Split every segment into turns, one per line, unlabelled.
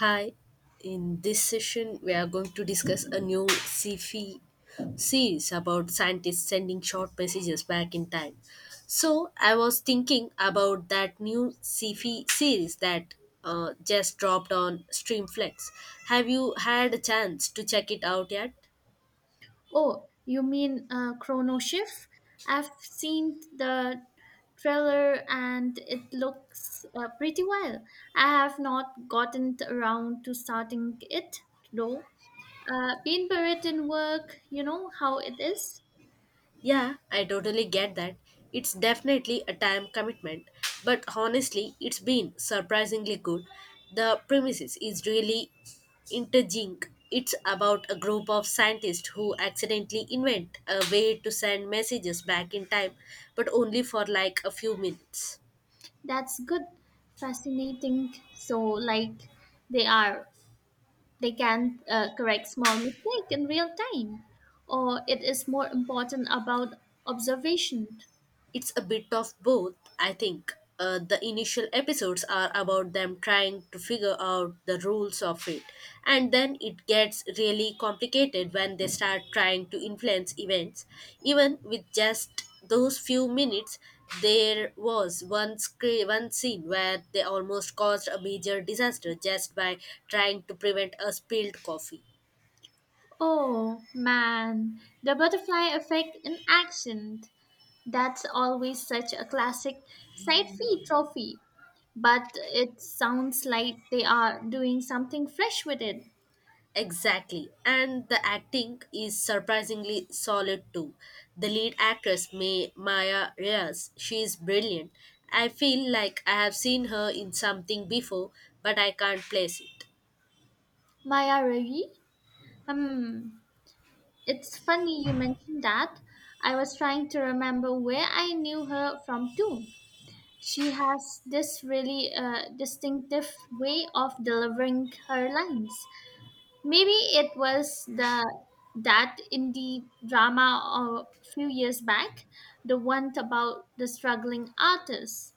Hi, in this session, we are going to discuss a new sci-fi series about scientists sending short messages back in time. So, I was thinking about that new sci-fi series that just dropped on Streamflex. Have you had a chance to check it out yet?
Oh, you mean Chrono Shift? I've seen the trailer and it looks pretty well. I have not gotten around to starting it though. Being buried in work, you know how it is.
Yeah, I totally get that. It's definitely a time commitment, but honestly, it's been surprisingly good. The premises is really intriguing. It's about a group of scientists who accidentally invent a way to send messages back in time, but only for like a few minutes.
That's good, fascinating. So, like, they are they can correct small mistake in real time, or it is more important about observation.
It's a bit of both, I think. The initial episodes are about them trying to figure out the rules of it, and then it gets really complicated when they start trying to influence events. Even with just those few minutes, there was one scene where they almost caused a major disaster just by trying to prevent a spilled coffee.
Oh man, the butterfly effect in action. That's always such a classic side fee trophy. But it sounds like they are doing something fresh with it.
Exactly. And the acting is surprisingly solid too. The lead actress, Maya Reyes, she is brilliant. I feel like I have seen her in something before, but I can't place it.
Maya Ravi? Hmm. It's funny you mentioned that. I was trying to remember where I knew her from too. She has this really distinctive way of delivering her lines. Maybe it was the that indie drama a few years back, the one about the struggling artist.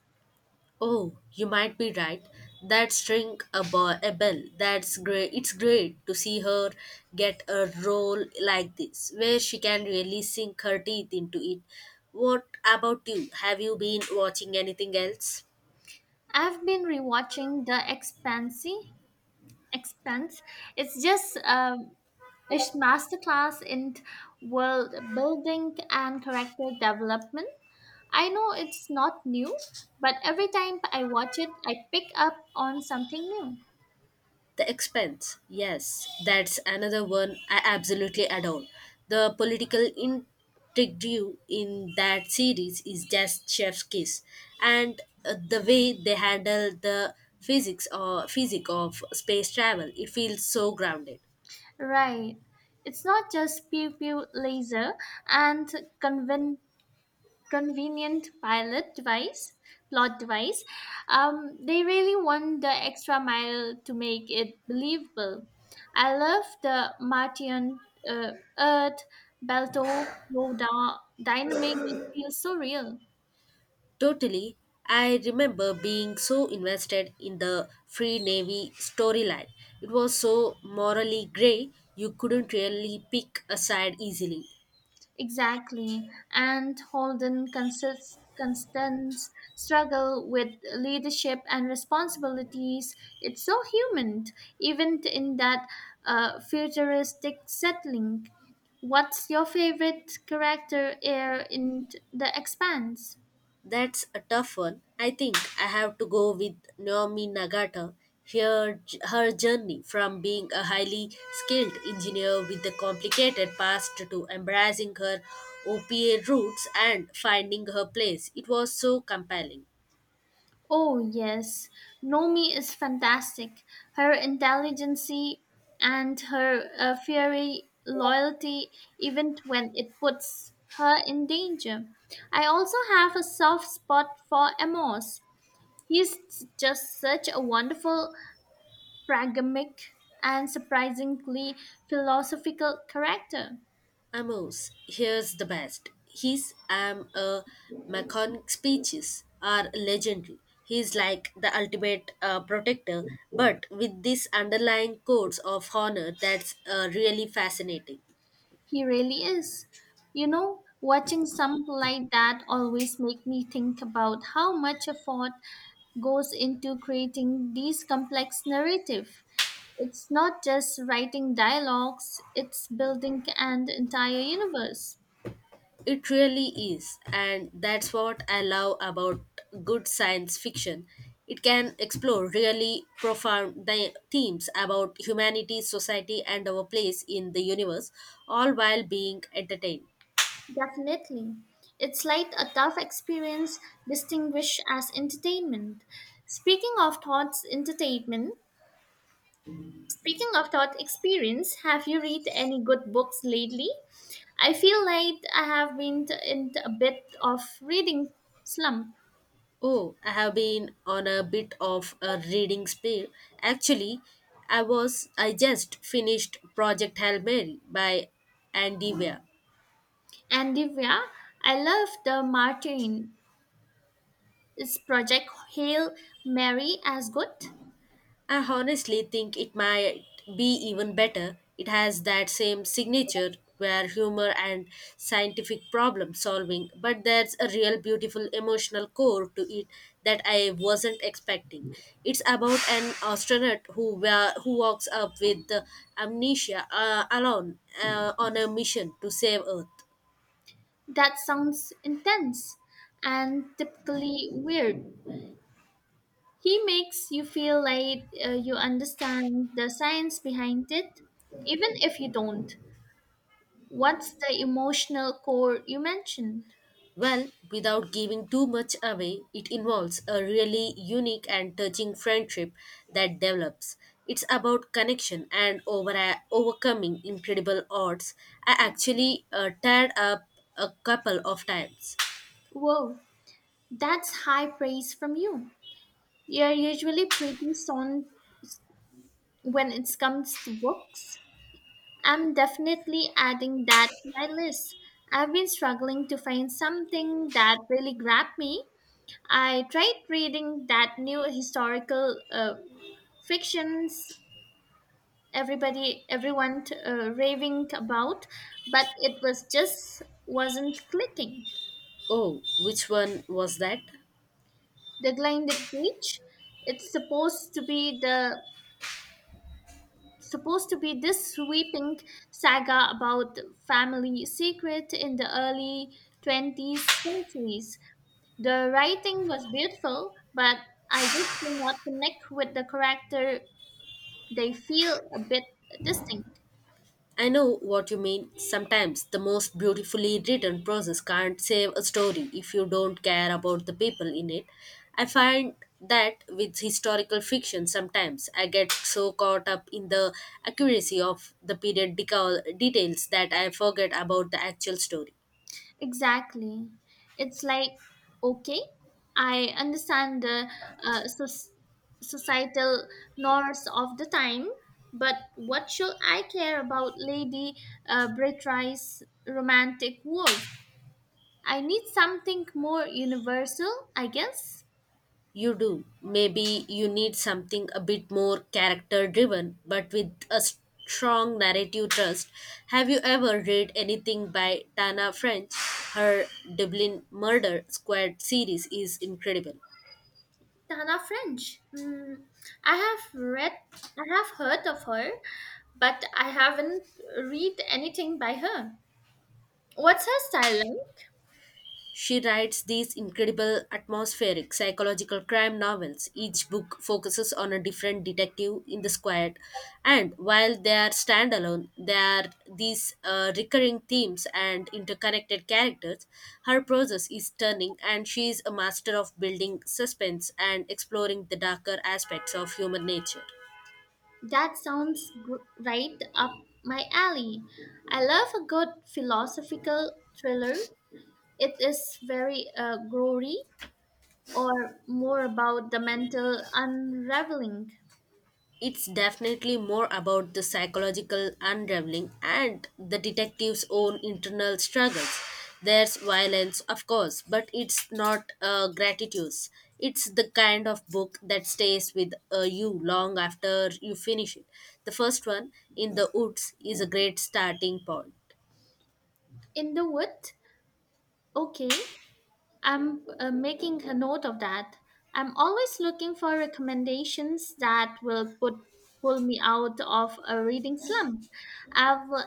Oh, you might be right. That's ring a, bo- A bell. That's great. It's great to see her get a role like this, where she can really sink her teeth into it. What about you? Have you been watching anything else?
I've been rewatching The Expanse. It's just a masterclass in world building and character development. I know it's not new, but every time I watch it, I pick up on something new.
The expense, yes, that's another one I absolutely adore. The political intrigue in that series is just chef's kiss, and the way they handle the physics of space travel, it feels so grounded.
Right. It's not just pew pew laser and conven- convenient plot device. They really want the extra mile to make it believable. I love the Martian uh, Earth, Belto, Yoda, dynamic. It feels so real.
Totally, I remember being so invested in the Free Navy storyline. It was so morally grey, you couldn't really pick a side easily.
Exactly. And Holden consist constant struggle with leadership and responsibilities. It's so human, even in that futuristic settling. What's your favorite character here in The Expanse?
That's a tough one. I think I have to go with Naomi Nagata. Her, her journey from being a highly skilled engineer with a complicated past to embracing her OPA roots and finding her place. It was so compelling.
Oh, yes. Nomi is fantastic. Her intelligence and her fiery loyalty, even when it puts her in danger. I also have a soft spot for Amos. He's just such a wonderful, pragmatic, and surprisingly philosophical character.
Amos, here's the best. His I'm a Macon speeches are legendary. He's like the ultimate protector, but with this underlying codes of honor that's really fascinating.
He really is. You know, watching something like that always make me think about how much effort goes into creating these complex narrative. It's not just writing dialogues, it's building an entire universe.
It really is, and that's what I love about good science fiction. It can explore really profound the themes about humanity, society, and our place in the universe, all while being entertained.
Definitely. It's like a tough experience distinguished as entertainment. Speaking of thoughts entertainment, Speaking of thought experience, have you read any good books lately? I feel like I have been in a bit of reading slump.
Oh, I have been on a bit of a reading spree. Actually, I just finished Project Hail Mary by Andy Weir.
And Divya, I love the Martin. Is Project Hail Mary as good?
I honestly think it might be even better. It has that same signature where humor and scientific problem solving, but there's a real beautiful emotional core to it that I wasn't expecting. It's about an astronaut who walks up with the amnesia alone on a mission to save Earth.
That sounds intense and typically weird. He makes you feel like you understand the science behind it, even if you don't. What's the emotional core you mentioned?
Well, without giving too much away, it involves a really unique and touching friendship that develops. It's about overcoming incredible odds. I actually tied up a couple of times.
Whoa, that's high praise from you. You're usually pretty sound when it comes to books. I'm definitely adding that to my list. I've been struggling to find something that really grabbed me. I tried reading that new historical fictions everybody everyone raving about, but it was just wasn't clicking.
Oh, which one was that?
The Blinded Witch, it's supposed to be this sweeping saga about family secret in the early 20th centuries. The writing was beautiful, but I just could not connect with the character. They feel a bit distinct.
I know what you mean. Sometimes the most beautifully written process can't save a story if you don't care about the people in it. I find that with historical fiction, sometimes I get so caught up in the accuracy of the details that I forget about the actual story.
Exactly. It's like, okay, I understand the uh, soc- societal norms of the time, but what should I care about Lady Brittright's romantic wolf? I need something more universal, I guess.
You do. Maybe you need something a bit more character driven, but with a strong narrative trust. Have you ever read anything by Tana French? Her Dublin Murder Squad series is incredible.
Tana French. Mm, I have read, I have heard of her, but I haven't read anything by her. What's her style like?
She writes these incredible atmospheric psychological crime novels. Each book focuses on a different detective in the squad, and while they are standalone, there are these recurring themes and interconnected characters. Her process is stunning, and she is a master of building suspense and exploring the darker aspects of human nature.
That sounds right up my alley. I love a good philosophical thriller. It is very gory or more about the mental unraveling.
It's definitely more about the psychological unraveling and the detective's own internal struggles. There's violence, of course, but it's not gratitude. It's the kind of book that stays with you long after you finish it. The first one, In the Woods, is a great starting point.
In the wood? Okay, I'm making a note of that. I'm always looking for recommendations that will put pull me out of a reading slump. I've, uh,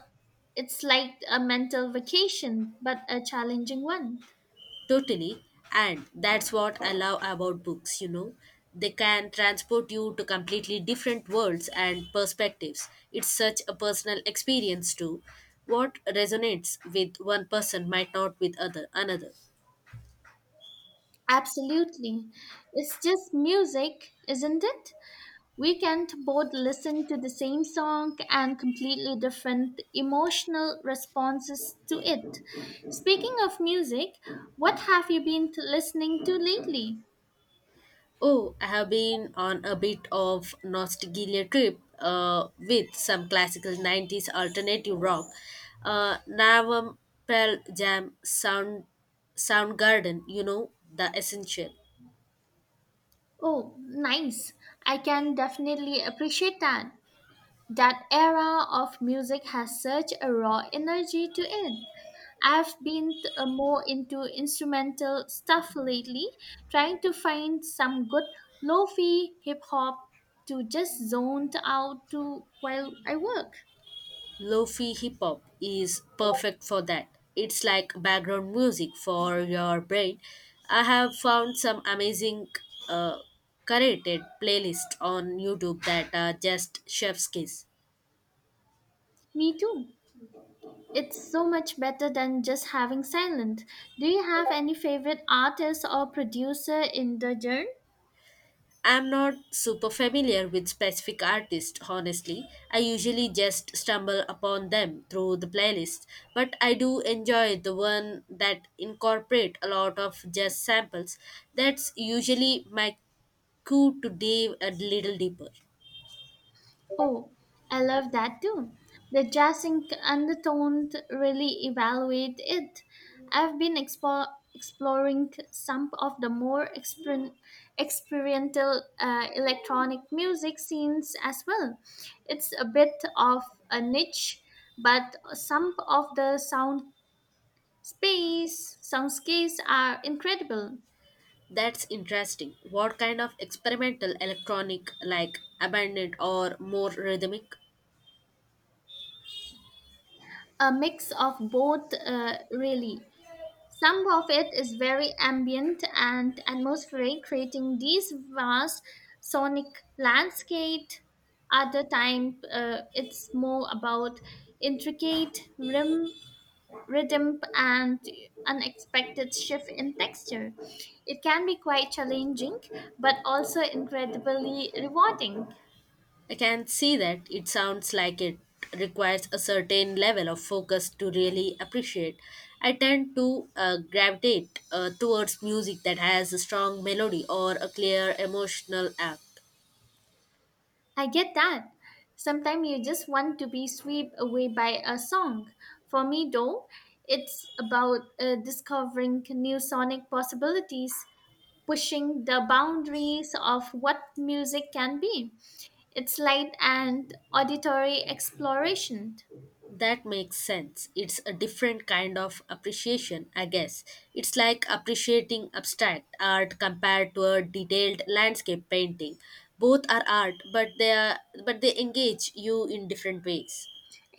it's like a mental vacation, but a challenging one.
Totally. And that's what I love about books. They can transport you to completely different worlds and perspectives. It's such a personal experience too. What resonates with one person might not with other another.
Absolutely. It's just music, isn't it? We can't both listen to the same song and completely different emotional responses to it. Speaking of music, what have you been listening to lately?
Oh, I have been on a bit of nostalgia trip with some classical 90s alternative rock. Navam Pearl Jam Soundgarden, you know, the essential.
Oh, nice. I can definitely appreciate that. That era of music has such a raw energy to it. I've been more into instrumental stuff lately, trying to find some good lo-fi hip hop to just zone out to while I work.
Lofi hip hop is perfect for that. It's like background music for your brain. I have found some amazing uh, curated playlists on YouTube that are just chef's kiss.
Me too. It's so much better than just having silent. Do you have any favorite artists or producer in the genre?
I'm not super familiar with specific artists, honestly. I usually just stumble upon them through the playlist, but I do enjoy the one that incorporate a lot of jazz samples. That's usually my cue to dive a little deeper.
Oh, I love that too. The jazzing undertone really evaluate it. I've been expo- Exploring some of the more experimental electronic music scenes as well. It's a bit of a niche, but some of the soundscapes are incredible.
That's interesting. What kind of experimental electronic, like abandoned or more rhythmic?
A mix of both, really. Some of it is very ambient and atmospheric, creating these vast sonic landscape. Other time, it's more about intricate rhythm and unexpected shift in texture. It can be quite challenging, but also incredibly rewarding.
I can see that it sounds like it requires a certain level of focus to really appreciate. I tend to gravitate towards music that has a strong melody or a clear emotional arc.
I get that. Sometimes you just want to be swept away by a song. For me, though, it's about discovering new sonic possibilities, pushing the boundaries of what music can be. It's light and auditory exploration.
That makes sense. It's a different kind of appreciation, I guess. It's like appreciating abstract art compared to a detailed landscape painting. Both are art, but they engage you in different ways.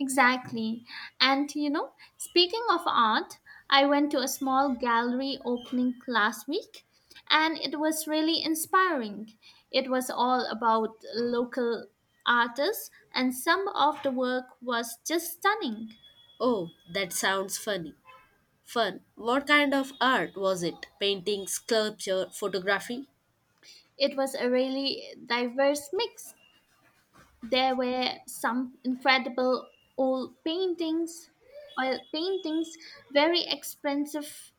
Exactly. And you know, speaking of art, I went to a small gallery opening last week and it was really inspiring. It was all about local artists and some of the work was just stunning.
Oh, that sounds funny. Fun. What kind of art was it? Painting, sculpture, photography?
It was a really diverse mix. There were some incredible old paintings, oil paintings, very expensive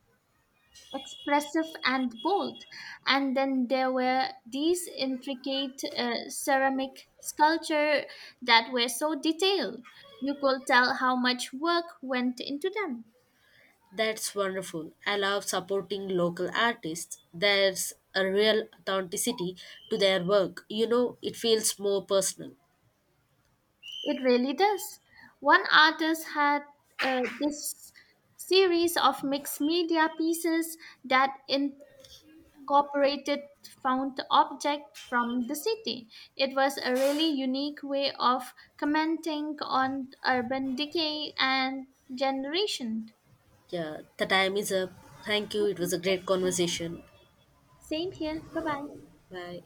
expressive and bold. And then there were these intricate ceramic sculpture that were so detailed. You could tell how much work went into them.
That's wonderful. I love supporting local artists. There's a real authenticity to their work. You know, it feels more personal.
It really does. One artist had this series of mixed media pieces that cooperated found object from the city. It was a really unique way of commenting on urban decay and generation.
Yeah, the time is up. Thank you. It was a great conversation.
Same here. Bye bye.
Bye.